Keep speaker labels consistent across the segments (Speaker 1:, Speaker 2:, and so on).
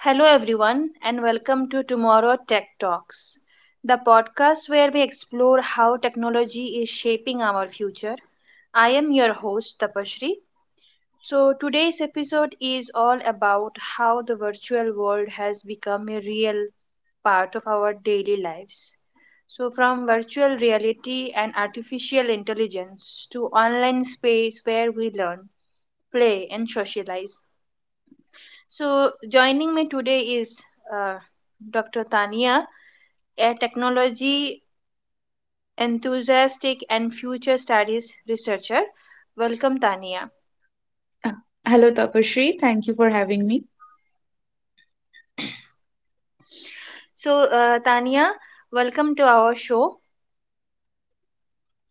Speaker 1: Hello, everyone, and welcome to Tomorrow Tech Talks, the podcast where we explore how technology is shaping our future. I am your host, Tapashri. Today's episode is all about how the virtual world has become a real part of our daily lives. From virtual reality and artificial intelligence to online space where we learn, play, and socialize, joining me today is uh, Dr. Tania, a technology enthusiastic and future studies researcher. Welcome, Tania.
Speaker 2: Uh, Hello, Tapasree. Thank you for having me.
Speaker 1: So, Tania, welcome to our show.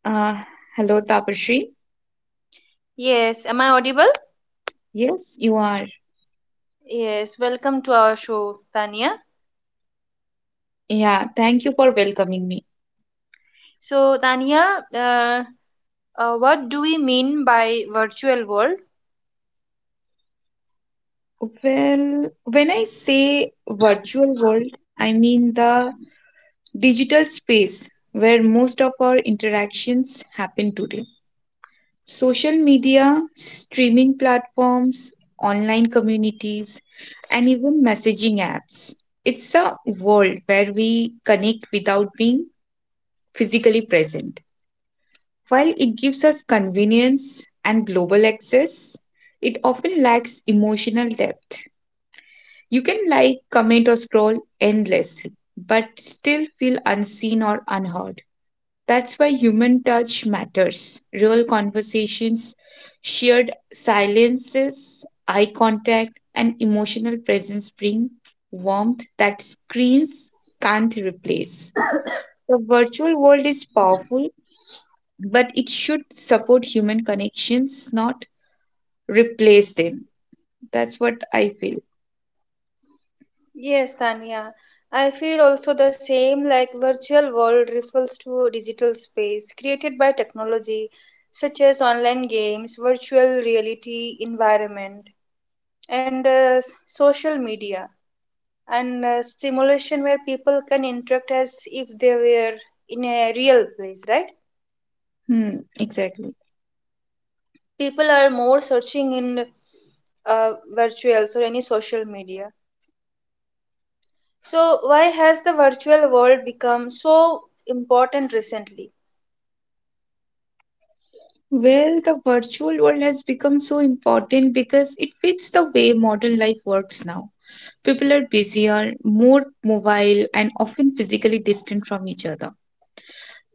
Speaker 2: Uh, hello, Tapasree.
Speaker 1: Yes, am I audible?
Speaker 2: Yes, you are.
Speaker 1: Yes, welcome to our show, Tania.
Speaker 2: Yeah, thank you for welcoming me.
Speaker 1: So, Tania, uh, what do we mean by virtual world?
Speaker 2: Well, when I say virtual world, I mean the digital space where most of our interactions happen today. Social media, streaming platforms, online communities, and even messaging apps. It's a world where we connect without being physically present. While it gives us convenience and global access, it often lacks emotional depth. You can like, comment, or scroll endlessly, but still feel unseen or unheard. That's why human touch matters. Real conversations, shared silences, eye contact, and emotional presence bring warmth that screens can't replace. The virtual world is powerful but it should support human connections, not replace them. That's what I feel.
Speaker 1: Yes, Tanya. I feel also the same like virtual world refers to digital space created by technology such as online games, virtual reality environment, and social media and simulation where people can interact as if they were in a real place, right?
Speaker 2: Hmm, exactly.
Speaker 1: People are more searching in uh, virtuals or any social media. So why has the virtual world become so important recently?
Speaker 2: Well, the virtual world has become so important because it fits the way modern life works now. People are busier, more mobile, and often physically distant from each other.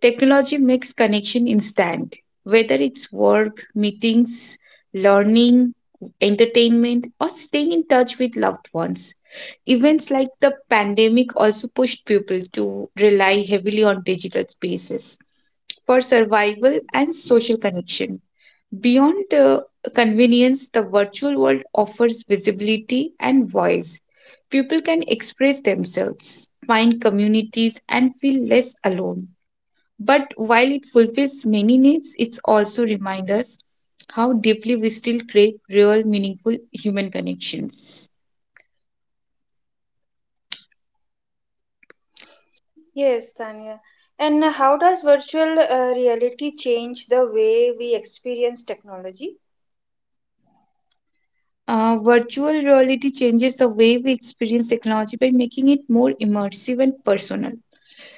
Speaker 2: Technology makes connection instant, whether it's work, meetings, learning, entertainment, or staying in touch with loved ones. Events like the pandemic also pushed people to rely heavily on digital spaces for survival and social connection. Beyond the convenience, the virtual world offers visibility and voice. People can express themselves, find communities, and feel less alone. But while it fulfills many needs, it also reminds us how deeply we still crave real, meaningful human connections.
Speaker 1: Yes, Tanya. And how does virtual reality change the way we experience technology?
Speaker 2: Virtual reality changes the way we experience technology by making it more immersive and personal.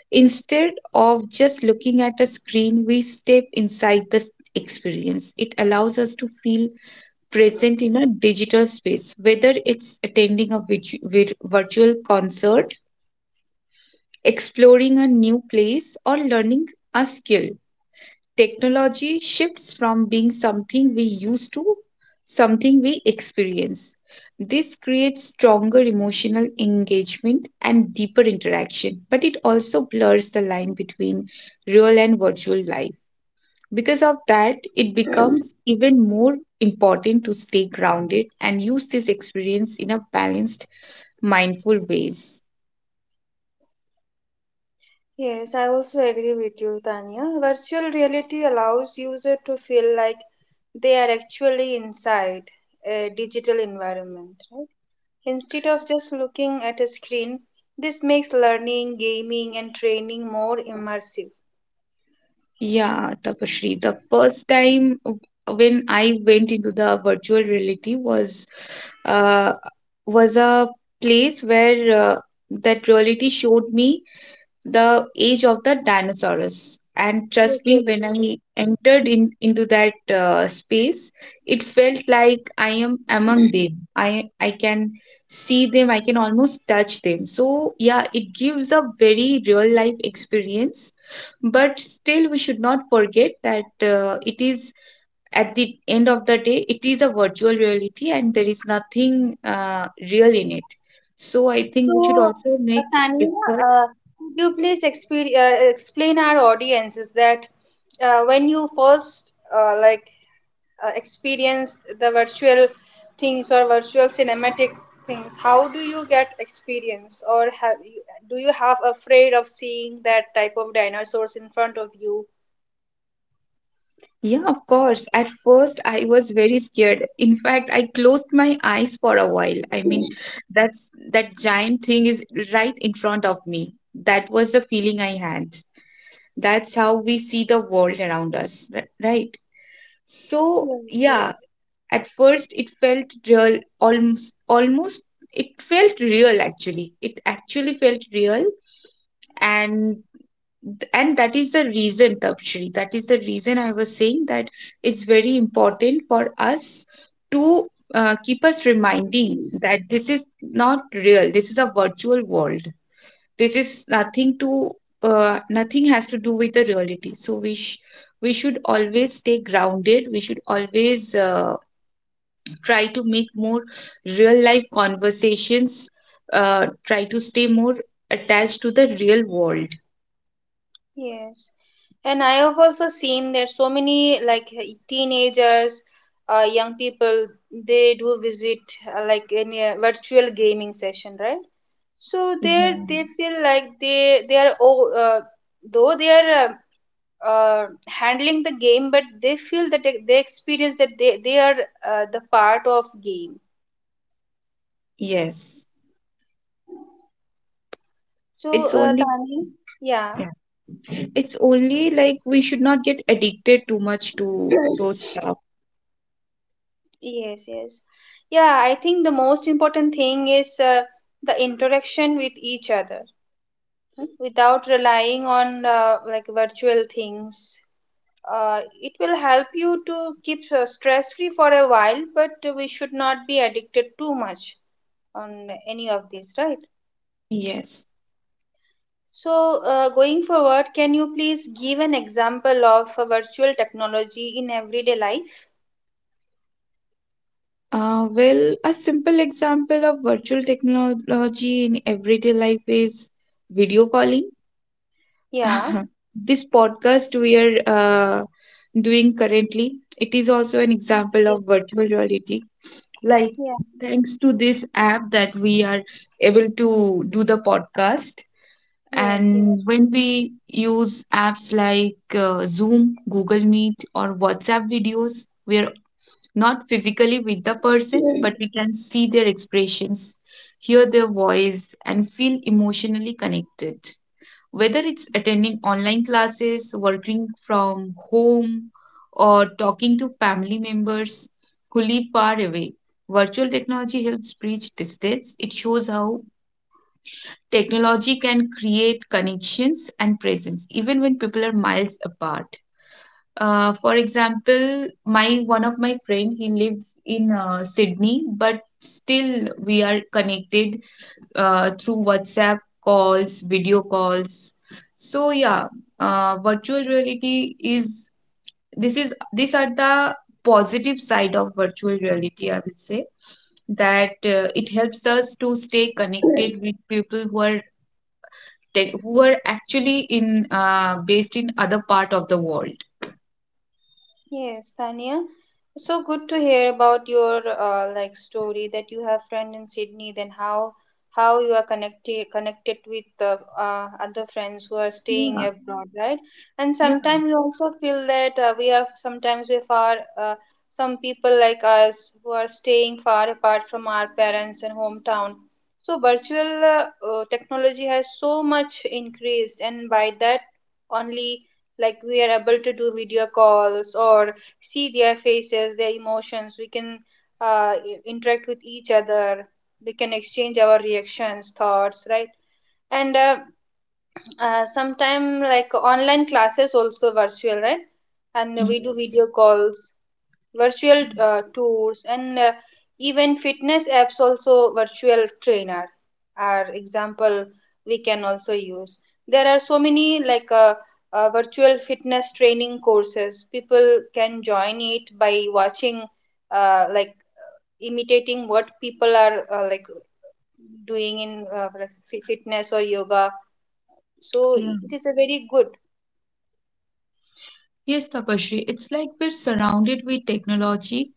Speaker 2: Instead of just looking at a screen, we step inside the experience. It allows us to feel present in a digital space, whether it's attending a virtual concert, exploring a new place, or learning a skill. Technology shifts from being something we use to something we experience. This creates stronger emotional engagement and deeper interaction, but it also blurs the line between real and virtual life. Because of that, it becomes even more important to stay grounded and use this experience in a balanced, mindful ways.
Speaker 1: Yes, I also agree with you, Tanya. Virtual reality allows user to feel like they are actually inside a digital environment, right? Instead of just looking at a screen, this makes learning, gaming, and training more immersive.
Speaker 2: Yeah, Tapashri. The first time when I went into the virtual reality uh, was a place where that reality showed me the age of the dinosaurs. And trust me,
Speaker 1: Okay.
Speaker 2: when I entered in into that space, it felt like I am among them. I can see them. I can almost touch them. So yeah, it gives a very real life experience. But still, we should not forget that it is, at the end of the day, it is a virtual reality, and there is nothing real in it. So I think we should
Speaker 1: So,
Speaker 2: also make
Speaker 1: Tania,
Speaker 2: effort.
Speaker 1: uh, could you please explain our audiences that when you first experienced the virtual things or virtual cinematic things, how do you get experience, or have you, do you have afraid of seeing that type of dinosaurs in front of you?
Speaker 2: Yeah, of course. At first, I was very scared. In fact, I closed my eyes for a while. I mean, that's that giant thing is right in front of me. That was the feeling I had. That's how we see the world around us, right? So,
Speaker 1: Yes,
Speaker 2: yeah,
Speaker 1: yes,
Speaker 2: at first it felt real, almost, almost, it felt real actually. It actually felt real. And that is the reason, Tapshri, that is the reason I was saying that it's very important for us to keep us reminding that this is not real, this is a virtual world, this is nothing to, nothing has to do with the reality. So we should always stay grounded. We should always try to make more real life conversations, try to stay more attached to the real world.
Speaker 1: yes. And I have also seen there's so many like teenagers, young people, they do visit like in a virtual gaming session, right? So there
Speaker 2: Yeah.
Speaker 1: they feel like they are, oh, though they are handling the game, but they feel that they experience that they are the part of game.
Speaker 2: Yes. It's
Speaker 1: So
Speaker 2: only,
Speaker 1: Tani, yeah.
Speaker 2: yeah. It's only like we should not get addicted too much to those stuff.
Speaker 1: Yes, yes. Yeah, I think the most important thing is the interaction with each other, hmm, without relying on like virtual things. It will help you to keep stress free for a while, but we should not be addicted too much on any of these, right?
Speaker 2: Yes.
Speaker 1: So going forward, can you please give an example of a virtual technology in everyday life?
Speaker 2: Well, a simple example of virtual technology in everyday life is video calling.
Speaker 1: Yeah,
Speaker 2: This podcast we are doing currently, it is also an example
Speaker 1: yes,
Speaker 2: of
Speaker 1: yes,
Speaker 2: virtual reality. Like,
Speaker 1: yeah,
Speaker 2: thanks to this app that we are able to do the podcast.
Speaker 1: yes,
Speaker 2: And when we use apps like Zoom, Google Meet, or WhatsApp videos, we are not physically with the person,
Speaker 1: yes.
Speaker 2: but we can see their expressions, hear their voice, and feel emotionally connected. Whether it's attending online classes, working from home, or talking to family members who live far away, virtual technology helps bridge distance. It shows how technology can create connections and presence even when people are miles apart. For example, my one of my friend he lives in Sydney, but still we are connected through WhatsApp calls, video calls. So yeah, virtual reality is, this is, these are the positive side of virtual reality. I will say that it helps us to stay connected with people who are tech, who are actually in based in other part of the world.
Speaker 1: Yes, Tania. So good to hear about your like story that you have friend in Sydney. Then how, how you are connected with the other friends who are staying
Speaker 2: Yeah,
Speaker 1: abroad, right? And
Speaker 2: yeah.
Speaker 1: sometimes we also feel that we are, sometimes we are far. Some people like us who are staying far apart from our parents and hometown. So virtual technology has so much increased, and by that only, like we are able to do video calls or see their faces, their emotions. We can interact with each other. We can exchange our reactions, thoughts, right? And sometime like online classes also virtual, right? And we do
Speaker 2: Yes.
Speaker 1: video calls, virtual tours, and even fitness apps also virtual trainer are example. We can also use, there are so many like virtual fitness training courses. People can join it by watching, like imitating what people are like doing in like fitness or yoga. So
Speaker 2: Yeah.
Speaker 1: it is a very good.
Speaker 2: Yes, Tapashri, it's like we're surrounded with technology.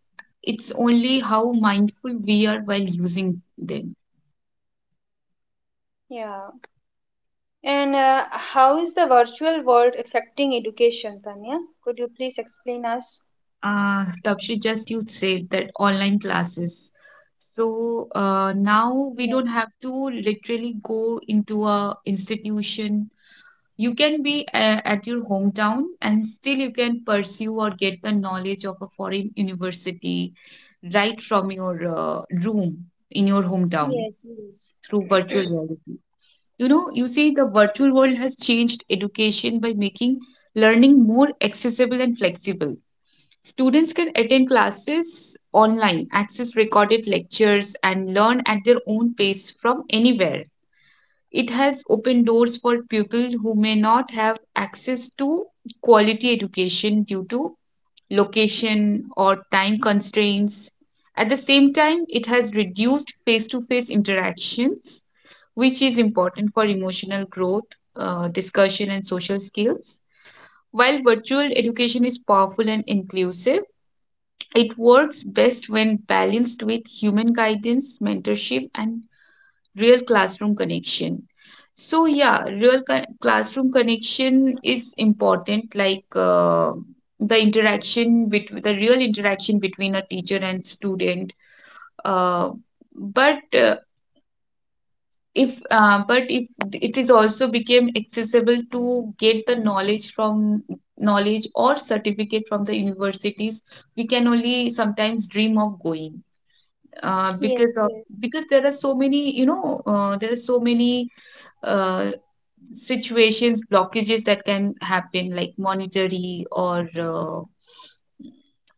Speaker 2: It's only how mindful we are while using them.
Speaker 1: Yeah. And how is the virtual world affecting education, Tanya? Could you please explain us?
Speaker 2: Tapashri, just you said that online classes. So
Speaker 1: Mm-hmm.
Speaker 2: now we
Speaker 1: Yeah.
Speaker 2: don't have to literally go into a institution. You can be at your hometown and still you can pursue or get the knowledge of a foreign university right from your room in your hometown
Speaker 1: Yes, yes.
Speaker 2: through virtual reality. You know, you see the virtual world has changed education by making learning more accessible and flexible. Students can attend classes online, access recorded lectures, and learn at their own pace from anywhere. It has opened doors for people who may not have access to quality education due to location or time constraints. At the same time, it has reduced face to face interactions, which is important for emotional growth, discussion, and social skills. While virtual education is powerful and inclusive, it works best when balanced with human guidance, mentorship, and real classroom connection. So yeah, real classroom connection is important, like the interaction between the real interaction between a teacher and student, uh, but if but if it is also became accessible to get the knowledge from knowledge or certificate from the universities we can only sometimes dream of going,
Speaker 1: Yes,
Speaker 2: because of,
Speaker 1: yes.
Speaker 2: because there are so many, you know, there are so many uh, situations blockages that can happen like monetary or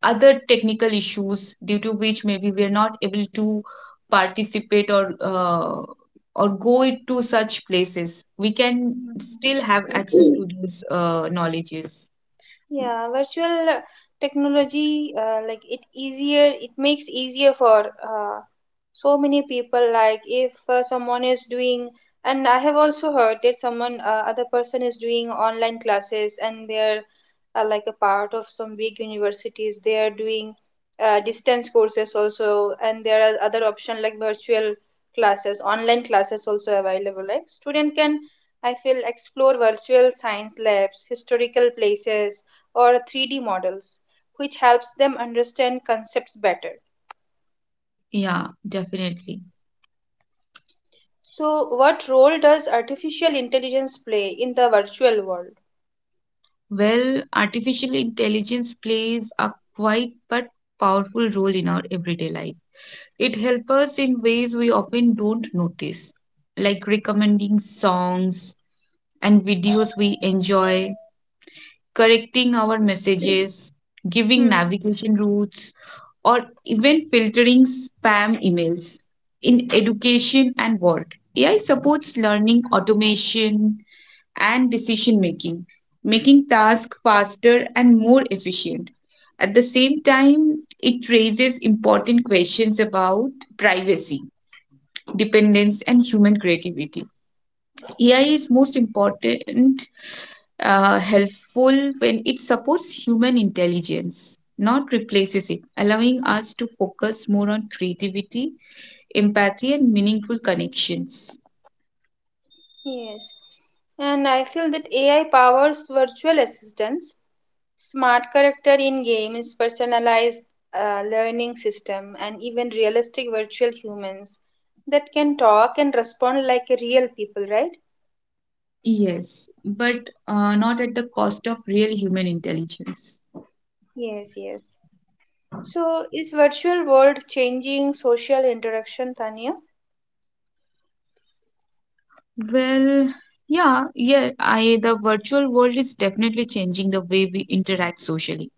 Speaker 2: other technical issues due to which maybe we are not able to participate or go it to such places, we can still have access
Speaker 1: Mhm.
Speaker 2: to these knowledges.
Speaker 1: Yeah, virtual technology, like it makes easier for so many people, like if someone is doing, and I have also heard that someone, other person is doing online classes and they're like a part of some big universities. They are doing distance courses also, and there are other option like virtual classes, online classes also available, like student can, I feel, explore virtual science labs, historical places, or 3D models, which helps them understand concepts better.
Speaker 2: Yeah, definitely.
Speaker 1: So, what role does artificial intelligence play in the virtual world?
Speaker 2: Well, artificial intelligence plays a quite but powerful role in our everyday life. It helps us in ways we often don't notice, like recommending songs and videos we enjoy, correcting our messages, giving
Speaker 1: Hmm.
Speaker 2: navigation routes, or even filtering spam emails. In education and work, AI supports learning, automation, and decision making, making tasks faster and more efficient. At the same time, it raises important questions about privacy, dependence, and human creativity. AI is most important, helpful when it supports human intelligence, not replaces it, allowing us to focus more on creativity, empathy, and meaningful connections.
Speaker 1: Yes, and I feel that AI powers virtual assistants, smart character in games, personalized learning system, and even realistic virtual humans that can talk and respond like a real people, right?
Speaker 2: Yes, but not at the cost of real human intelligence.
Speaker 1: Yes, yes. So, is virtual world changing social interaction, Tanya?
Speaker 2: Well, yeah, I the virtual world is definitely changing the way we interact socially.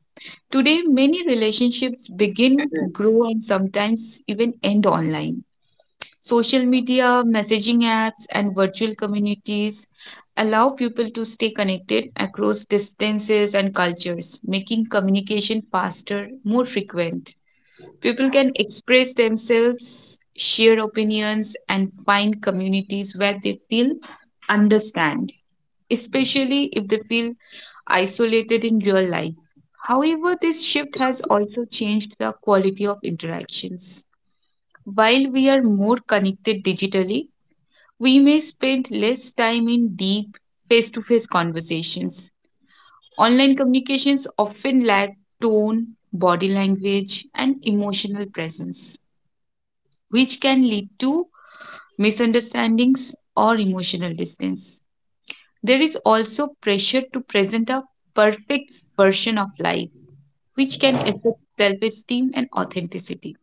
Speaker 2: Today, many relationships begin, grow, and sometimes even end online. Social media, messaging apps, and virtual communities allow people to stay connected across distances and cultures, making communication faster, more frequent. People can express themselves, share opinions, and find communities where they feel understand, especially if they feel isolated in real life. However, this shift has also changed the quality of interactions. While we are more connected digitally, we may spend less time in deep face to face conversations. Online communications often lack tone, body language, and emotional presence, which can lead to misunderstandings or emotional distance. There is also pressure to present a perfect version of life which can affect self esteem and authenticity.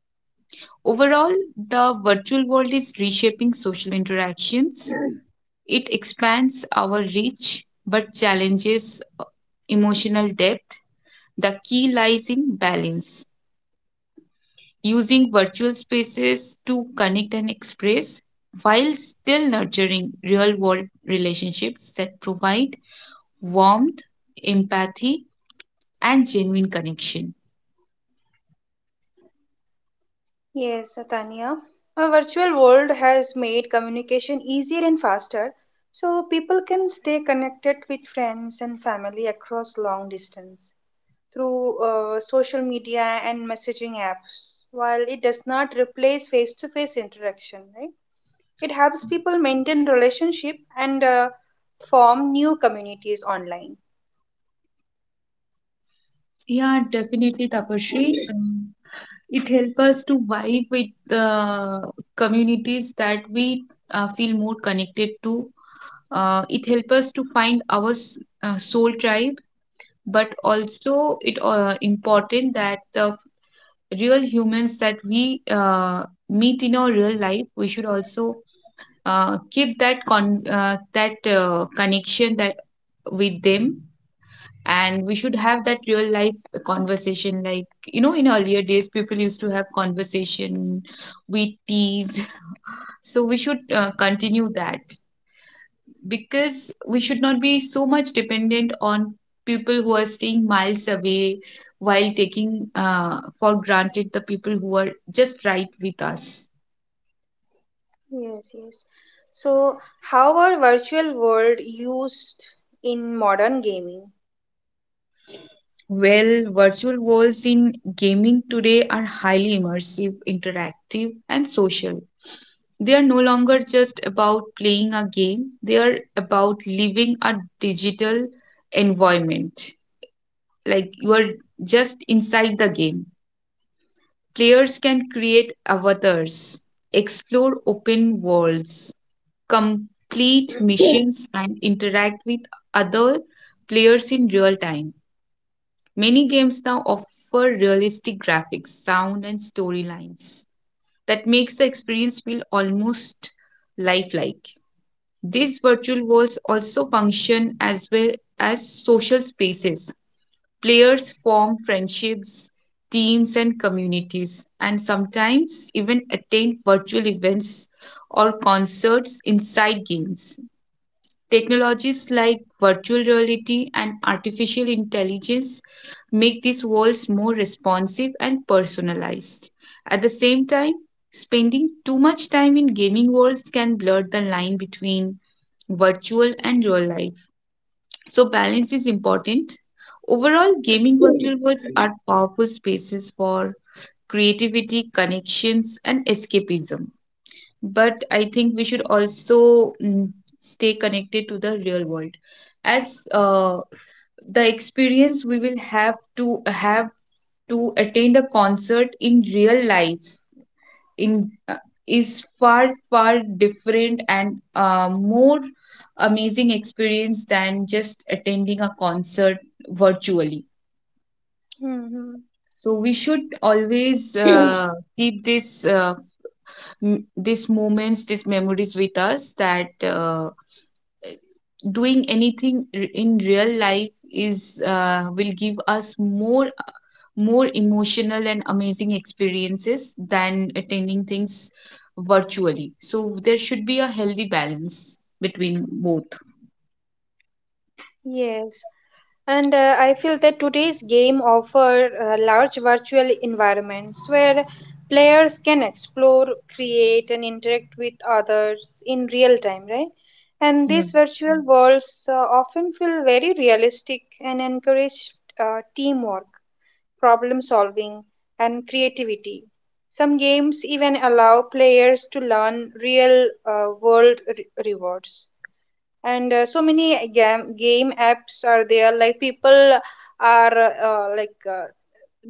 Speaker 2: Overall, the virtual world is reshaping social interactions. It expands our reach but challenges emotional depth. The key lies in balance, using virtual spaces to connect and express while still nurturing real world relationships that provide warmth, empathy, and genuine connection.
Speaker 1: Yes, Tanya. A virtual world has made communication easier and faster, so people can stay connected with friends and family across long distance through social media and messaging apps. While it does not replace face-to-face interaction, right? It helps people maintain relationship and form new communities online.
Speaker 2: Yeah, definitely, Tapashri. It helps us to vibe with communities that we feel more connected to. It helps us to find our soul tribe, but also it, important that the real humans that we meet in our real life, we should also keep that that connection that with them, and we should have that real life conversation. Like, you know, in earlier days people used to have conversation, we tease. So we should continue that, because we should not be so much dependent on people who are staying miles away while taking for granted the people who are just right with us.
Speaker 1: Yes, yes. So, how are virtual world used in modern gaming?
Speaker 2: Well, virtual worlds in gaming today are highly immersive, interactive, and social. They are no longer just about playing a game, they are about living a digital environment. Like, you are just inside the game. Players can create avatars, explore open worlds, complete missions, and interact with other players in real time. Many games now offer realistic graphics, sound, and storylines that makes the experience feel almost lifelike. These virtual worlds also function as well as social spaces. Players form friendships, teams, and communities, and sometimes even attend virtual events or concerts inside games. Technologies like virtual reality and artificial intelligence make these worlds more responsive and personalized. At the same time, spending too much time in gaming worlds can blur the line between virtual and real life. So, balance is important. Overall, gaming virtual worlds are powerful spaces for creativity, connections, and escapism, but I think we should also stay connected to the real world. As The experience we will have to attend a concert in real life in is far different and more amazing experience than just attending a concert virtually.
Speaker 1: Hmm.
Speaker 2: So we should always keep these moments, these memories with us that. Doing anything in real life is will give us more emotional and amazing experiences than attending things virtually, so there should be a healthy balance between both.
Speaker 1: Yes. And I feel that today's game offer large virtual environments where players can explore, create, and interact with others in real time, right? And
Speaker 2: Yeah.
Speaker 1: these virtual worlds often feel very realistic and encourage teamwork, problem solving, and creativity. Some games even allow players to learn real world rewards. And so many game apps are there, like people are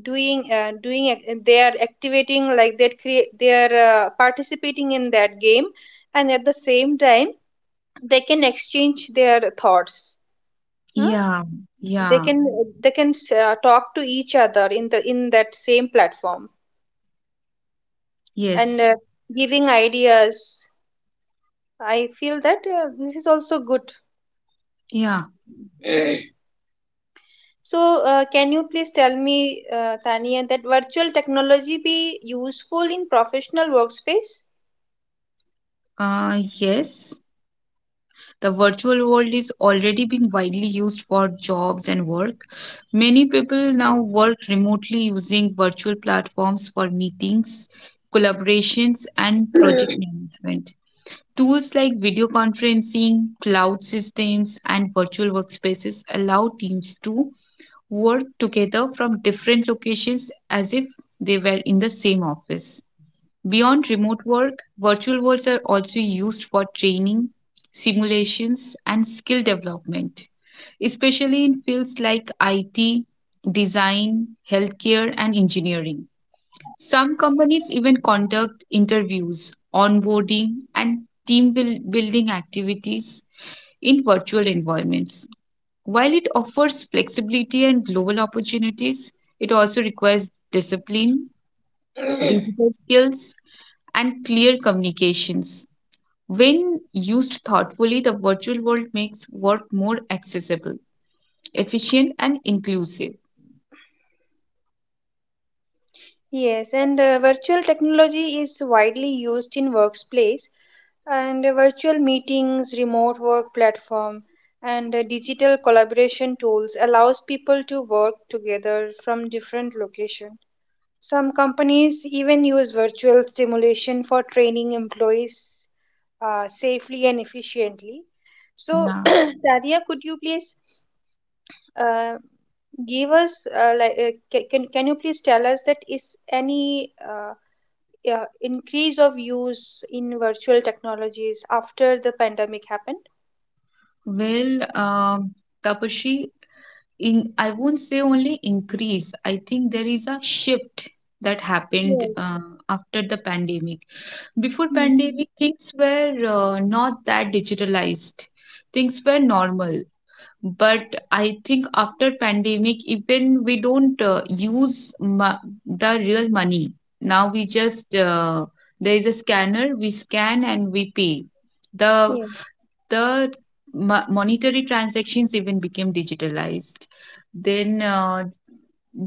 Speaker 1: doing, they are activating, like they create, they are participating in that game, and at the same time they can exchange their thoughts. Huh?
Speaker 2: Yeah,
Speaker 1: they
Speaker 2: yeah,
Speaker 1: can they can talk to each other in the, in that same platform, and
Speaker 2: yes,
Speaker 1: giving ideas. I feel that this is also good.
Speaker 2: yeah,
Speaker 1: So, can you please tell me, Tania, that virtual technology be useful in professional workspace?
Speaker 2: uh yes. The virtual world is already being widely used for jobs and work. Many people
Speaker 1: Yes.
Speaker 2: now work remotely using virtual platforms for meetings, collaborations, and project management. Tools like video conferencing, cloud systems, and virtual workspaces allow teams to work together from different locations as if they were in the same office. Beyond remote work, virtual worlds are also used for training, simulations, and skill development, especially in fields like IT, design, healthcare, and engineering. Some companies even conduct interviews, onboarding, and building activities in virtual environments. While it offers flexibility and global opportunities, it also requires discipline, digital skills, and clear communications. When used thoughtfully, the virtual world makes work more accessible, efficient, and inclusive.
Speaker 1: Yes, and virtual technology is widely used in workplace, and virtual meetings, remote work platform, and digital collaboration tools allows people to work together from different location. Some companies even use virtual stimulation for training employees safely and efficiently. So,
Speaker 2: Yeah.
Speaker 1: Daria, could you please uh, give us can you please tell us that is any increase of use in virtual technologies after the pandemic happened?
Speaker 2: Well, Tapashi, in, I won't say only increase. I think there is a shift that happened
Speaker 1: Yes.
Speaker 2: after the pandemic. Before
Speaker 1: Mm-hmm.
Speaker 2: pandemic, things were not that digitalized. Things were normal. But I think after pandemic, even we don't use the real money. Now we just there is a scanner, we scan and we pay the
Speaker 1: Yeah.
Speaker 2: the monetary transactions even became digitalized. Then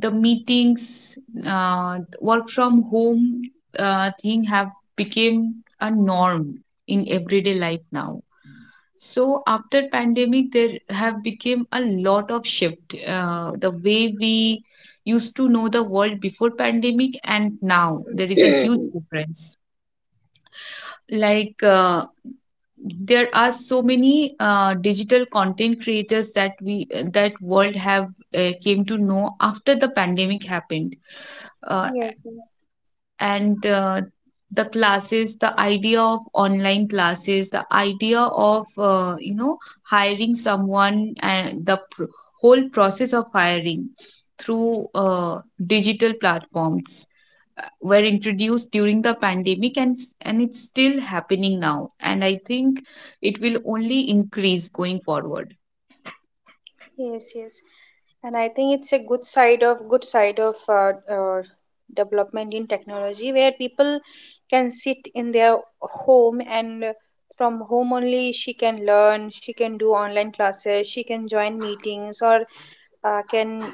Speaker 2: the meetings, work from home thing have become a norm in everyday life now. So after pandemic, there have become a lot of shift. The way we used to know the world before pandemic and now there is a huge difference. Like there are so many digital content creators that we, that world have came to know after the pandemic happened. Uh,
Speaker 1: Yes. Yes.
Speaker 2: and the classes, the idea of online classes, the idea of you know, hiring someone, and the whole process of hiring through digital platforms were introduced during the pandemic and and it's still happening now, and I think it will only increase going forward.
Speaker 1: Yes, yes. And I think it's a good side of development in technology where people can sit in their home, and from home only, she can learn, she can do online classes, she can join meetings, or can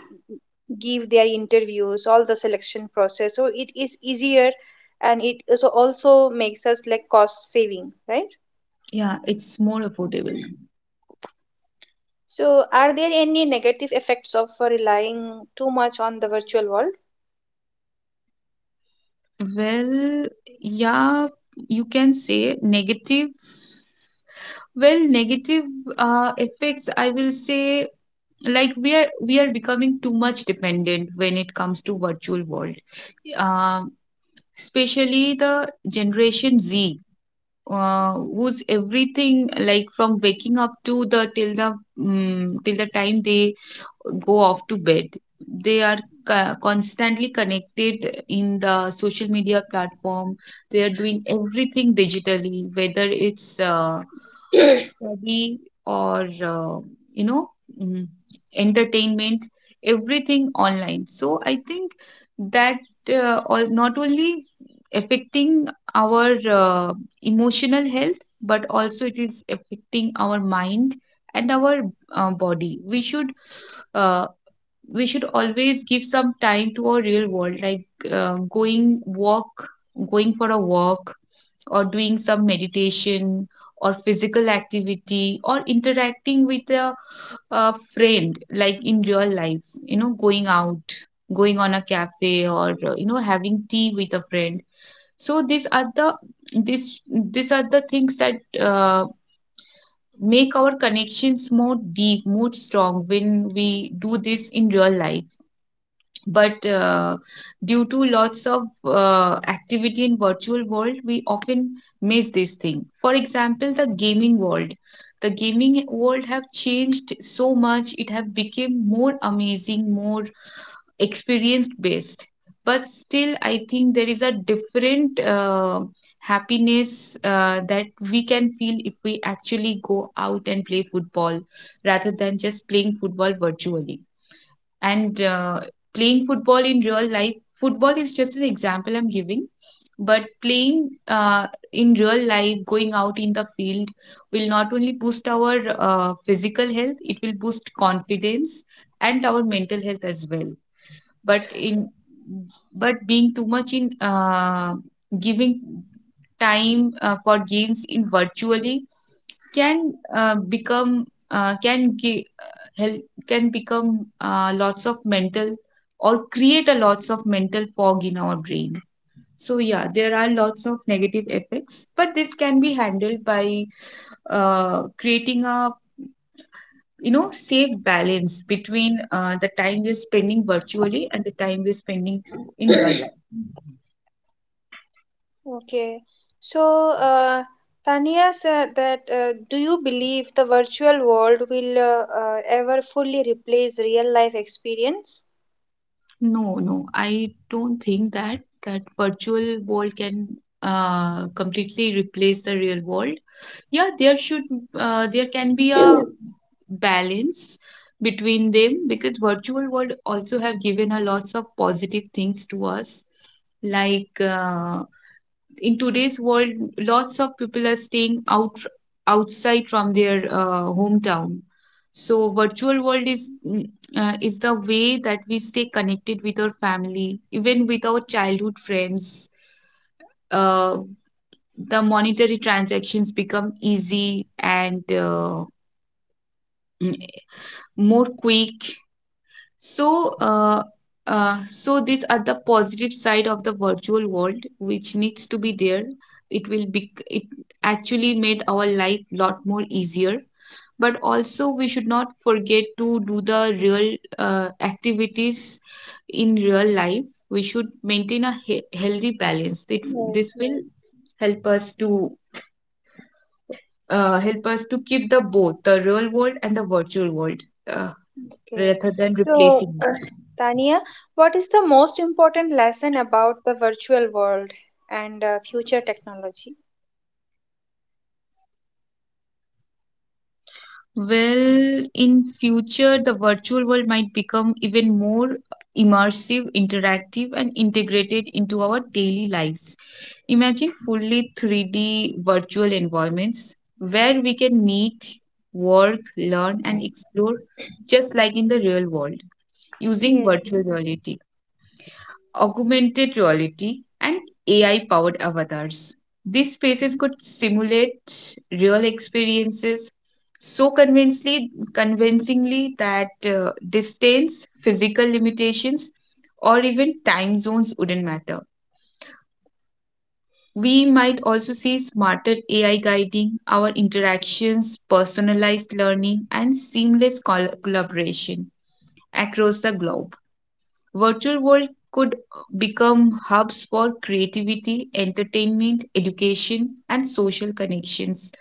Speaker 1: give their interviews, all the selection process. So it is easier, and it also makes us like cost saving, right?
Speaker 2: Yeah, it's more affordable now.
Speaker 1: So are there any negative effects of relying too much on the virtual world?
Speaker 2: Well, yeah, you can say negative. Well, negative effects, I will say, like we are becoming too much dependent when it comes to virtual world. Um, Especially the Generation Z, whose everything, like from waking up to the till the mm till the time they go off to bed. They are constantly connected in the social media platform. They are doing everything digitally, whether it's study or you know mm, entertainment, everything online. So I think that all, not only affecting our emotional health, but also it is affecting our mind and our body. Uh, we should always give some time to our real world, like uh, going walk, going for a walk, or doing some meditation or physical activity, or interacting with a friend, like in real life, you know, going out, going on a cafe, or you know, having tea with a friend. So these are the, this these are the things that make our connections more deep, more strong when we do this in real life. But due to lots of activity in virtual world, we often miss this thing. For example, the gaming world. The gaming world have changed so much. It have become more amazing, more experience based, but still I think there is a different happiness that we can feel if we actually go out and play football rather than just playing football virtually. And playing football in real life, football is just an example I'm giving. But playing uh, in real life, going out in the field, will not only boost our physical health, it will boost confidence and our mental health as well. But in, but being too much in giving time for games in virtually can become can give help can become lots of mental, or create a lots of mental fog in our brain. So yeah, there are lots of negative effects, but this can be handled by creating a, you know, safe balance between the time we're spending virtually and the time we're spending in real life.
Speaker 1: Okay. So, uh, Tania said that do you believe the virtual world will ever fully replace real life experience?
Speaker 2: No, no, I don't think that virtual world can completely replace the real world. Yeah, there should there can be a balance between them, because virtual world also have given a lots of positive things to us, like in today's world, lots of people are staying out, outside from their hometown. So virtual world is is the way that we stay connected with our family, even with our childhood friends. Uh, the monetary transactions become easy and mm, more quick. So, so these are the positive side of the virtual world, which needs to be there. It will be. It actually made our life lot more easier. But also, we should not forget to do the real activities in real life. We should maintain a healthy balance. It,
Speaker 1: Yes,
Speaker 2: this will
Speaker 1: yes.
Speaker 2: help us to help us to keep the both the real world and the virtual world uh,
Speaker 1: Okay.
Speaker 2: rather than
Speaker 1: So,
Speaker 2: replacing.
Speaker 1: Tania, what is the most important lesson about the virtual world and future technology?
Speaker 2: Well, in future, the virtual world might become even more immersive, interactive, and integrated into our daily lives. Imagine fully 3D virtual environments where we can meet, work, learn, and explore just like in the real world, using
Speaker 1: Yes,
Speaker 2: virtual
Speaker 1: yes.
Speaker 2: reality, augmented reality, and AI powered avatars. These spaces could simulate real experiences so convincingly that distance, physical limitations, or even time zones wouldn't matter. We might also see smarter AI guiding our interactions, personalized learning, and seamless collaboration across the globe. Virtual world could become hubs for creativity, entertainment, education, and social connections,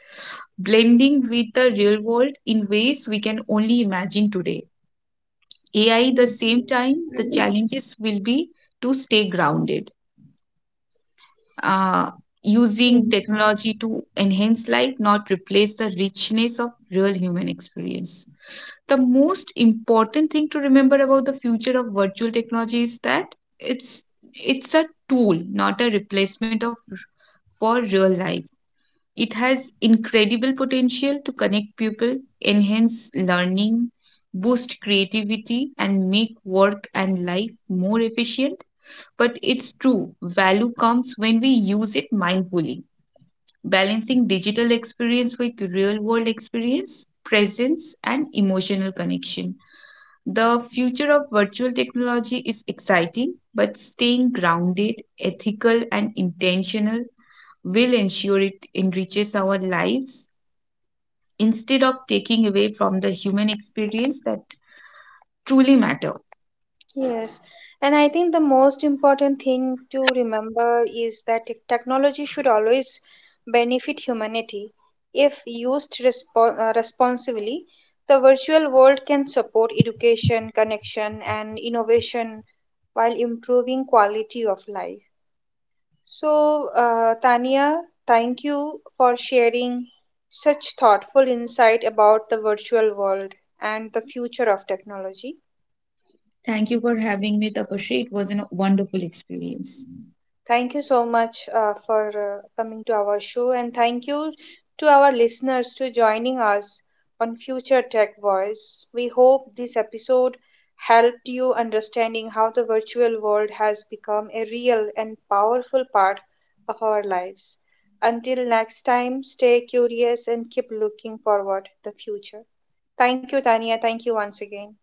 Speaker 2: blending with the real world in ways we can only imagine today. AI, the
Speaker 1: Yes,
Speaker 2: same time, the
Speaker 1: yes.
Speaker 2: challenges will be to stay grounded. Uh,
Speaker 1: Yes.
Speaker 2: Using technology to enhance life, not replace the richness of real human experience. The most important thing to remember about the future of virtual technology is that it's a tool, not a replacement of, for real life. It has incredible potential to connect people, enhance learning, boost creativity, and make work and life more efficient. But it's true value comes when we use it mindfully, balancing digital experience with real world experience, presence and emotional connection. The future of virtual technology is exciting, but staying grounded, ethical, and intentional will ensure it enriches our lives instead of taking away from the human experience that truly matter.
Speaker 1: Yes, and I think the most important thing to remember is that technology should always benefit humanity. If used responsibly, the virtual world can support education, connection, and innovation while improving quality of life. So, Tania, thank you for sharing such thoughtful insight about the virtual world and the future of technology.
Speaker 2: Thank you for having me, Tapasri. It was a wonderful experience.
Speaker 1: Thank you so much for coming to our show, and thank you to our listeners to joining us on Future Tech Voice. We hope this episode helped you understanding how the virtual world has become a real and powerful part of our lives. Until next time, stay curious and keep looking forward the future. Thank you, Tania. Thank you once again.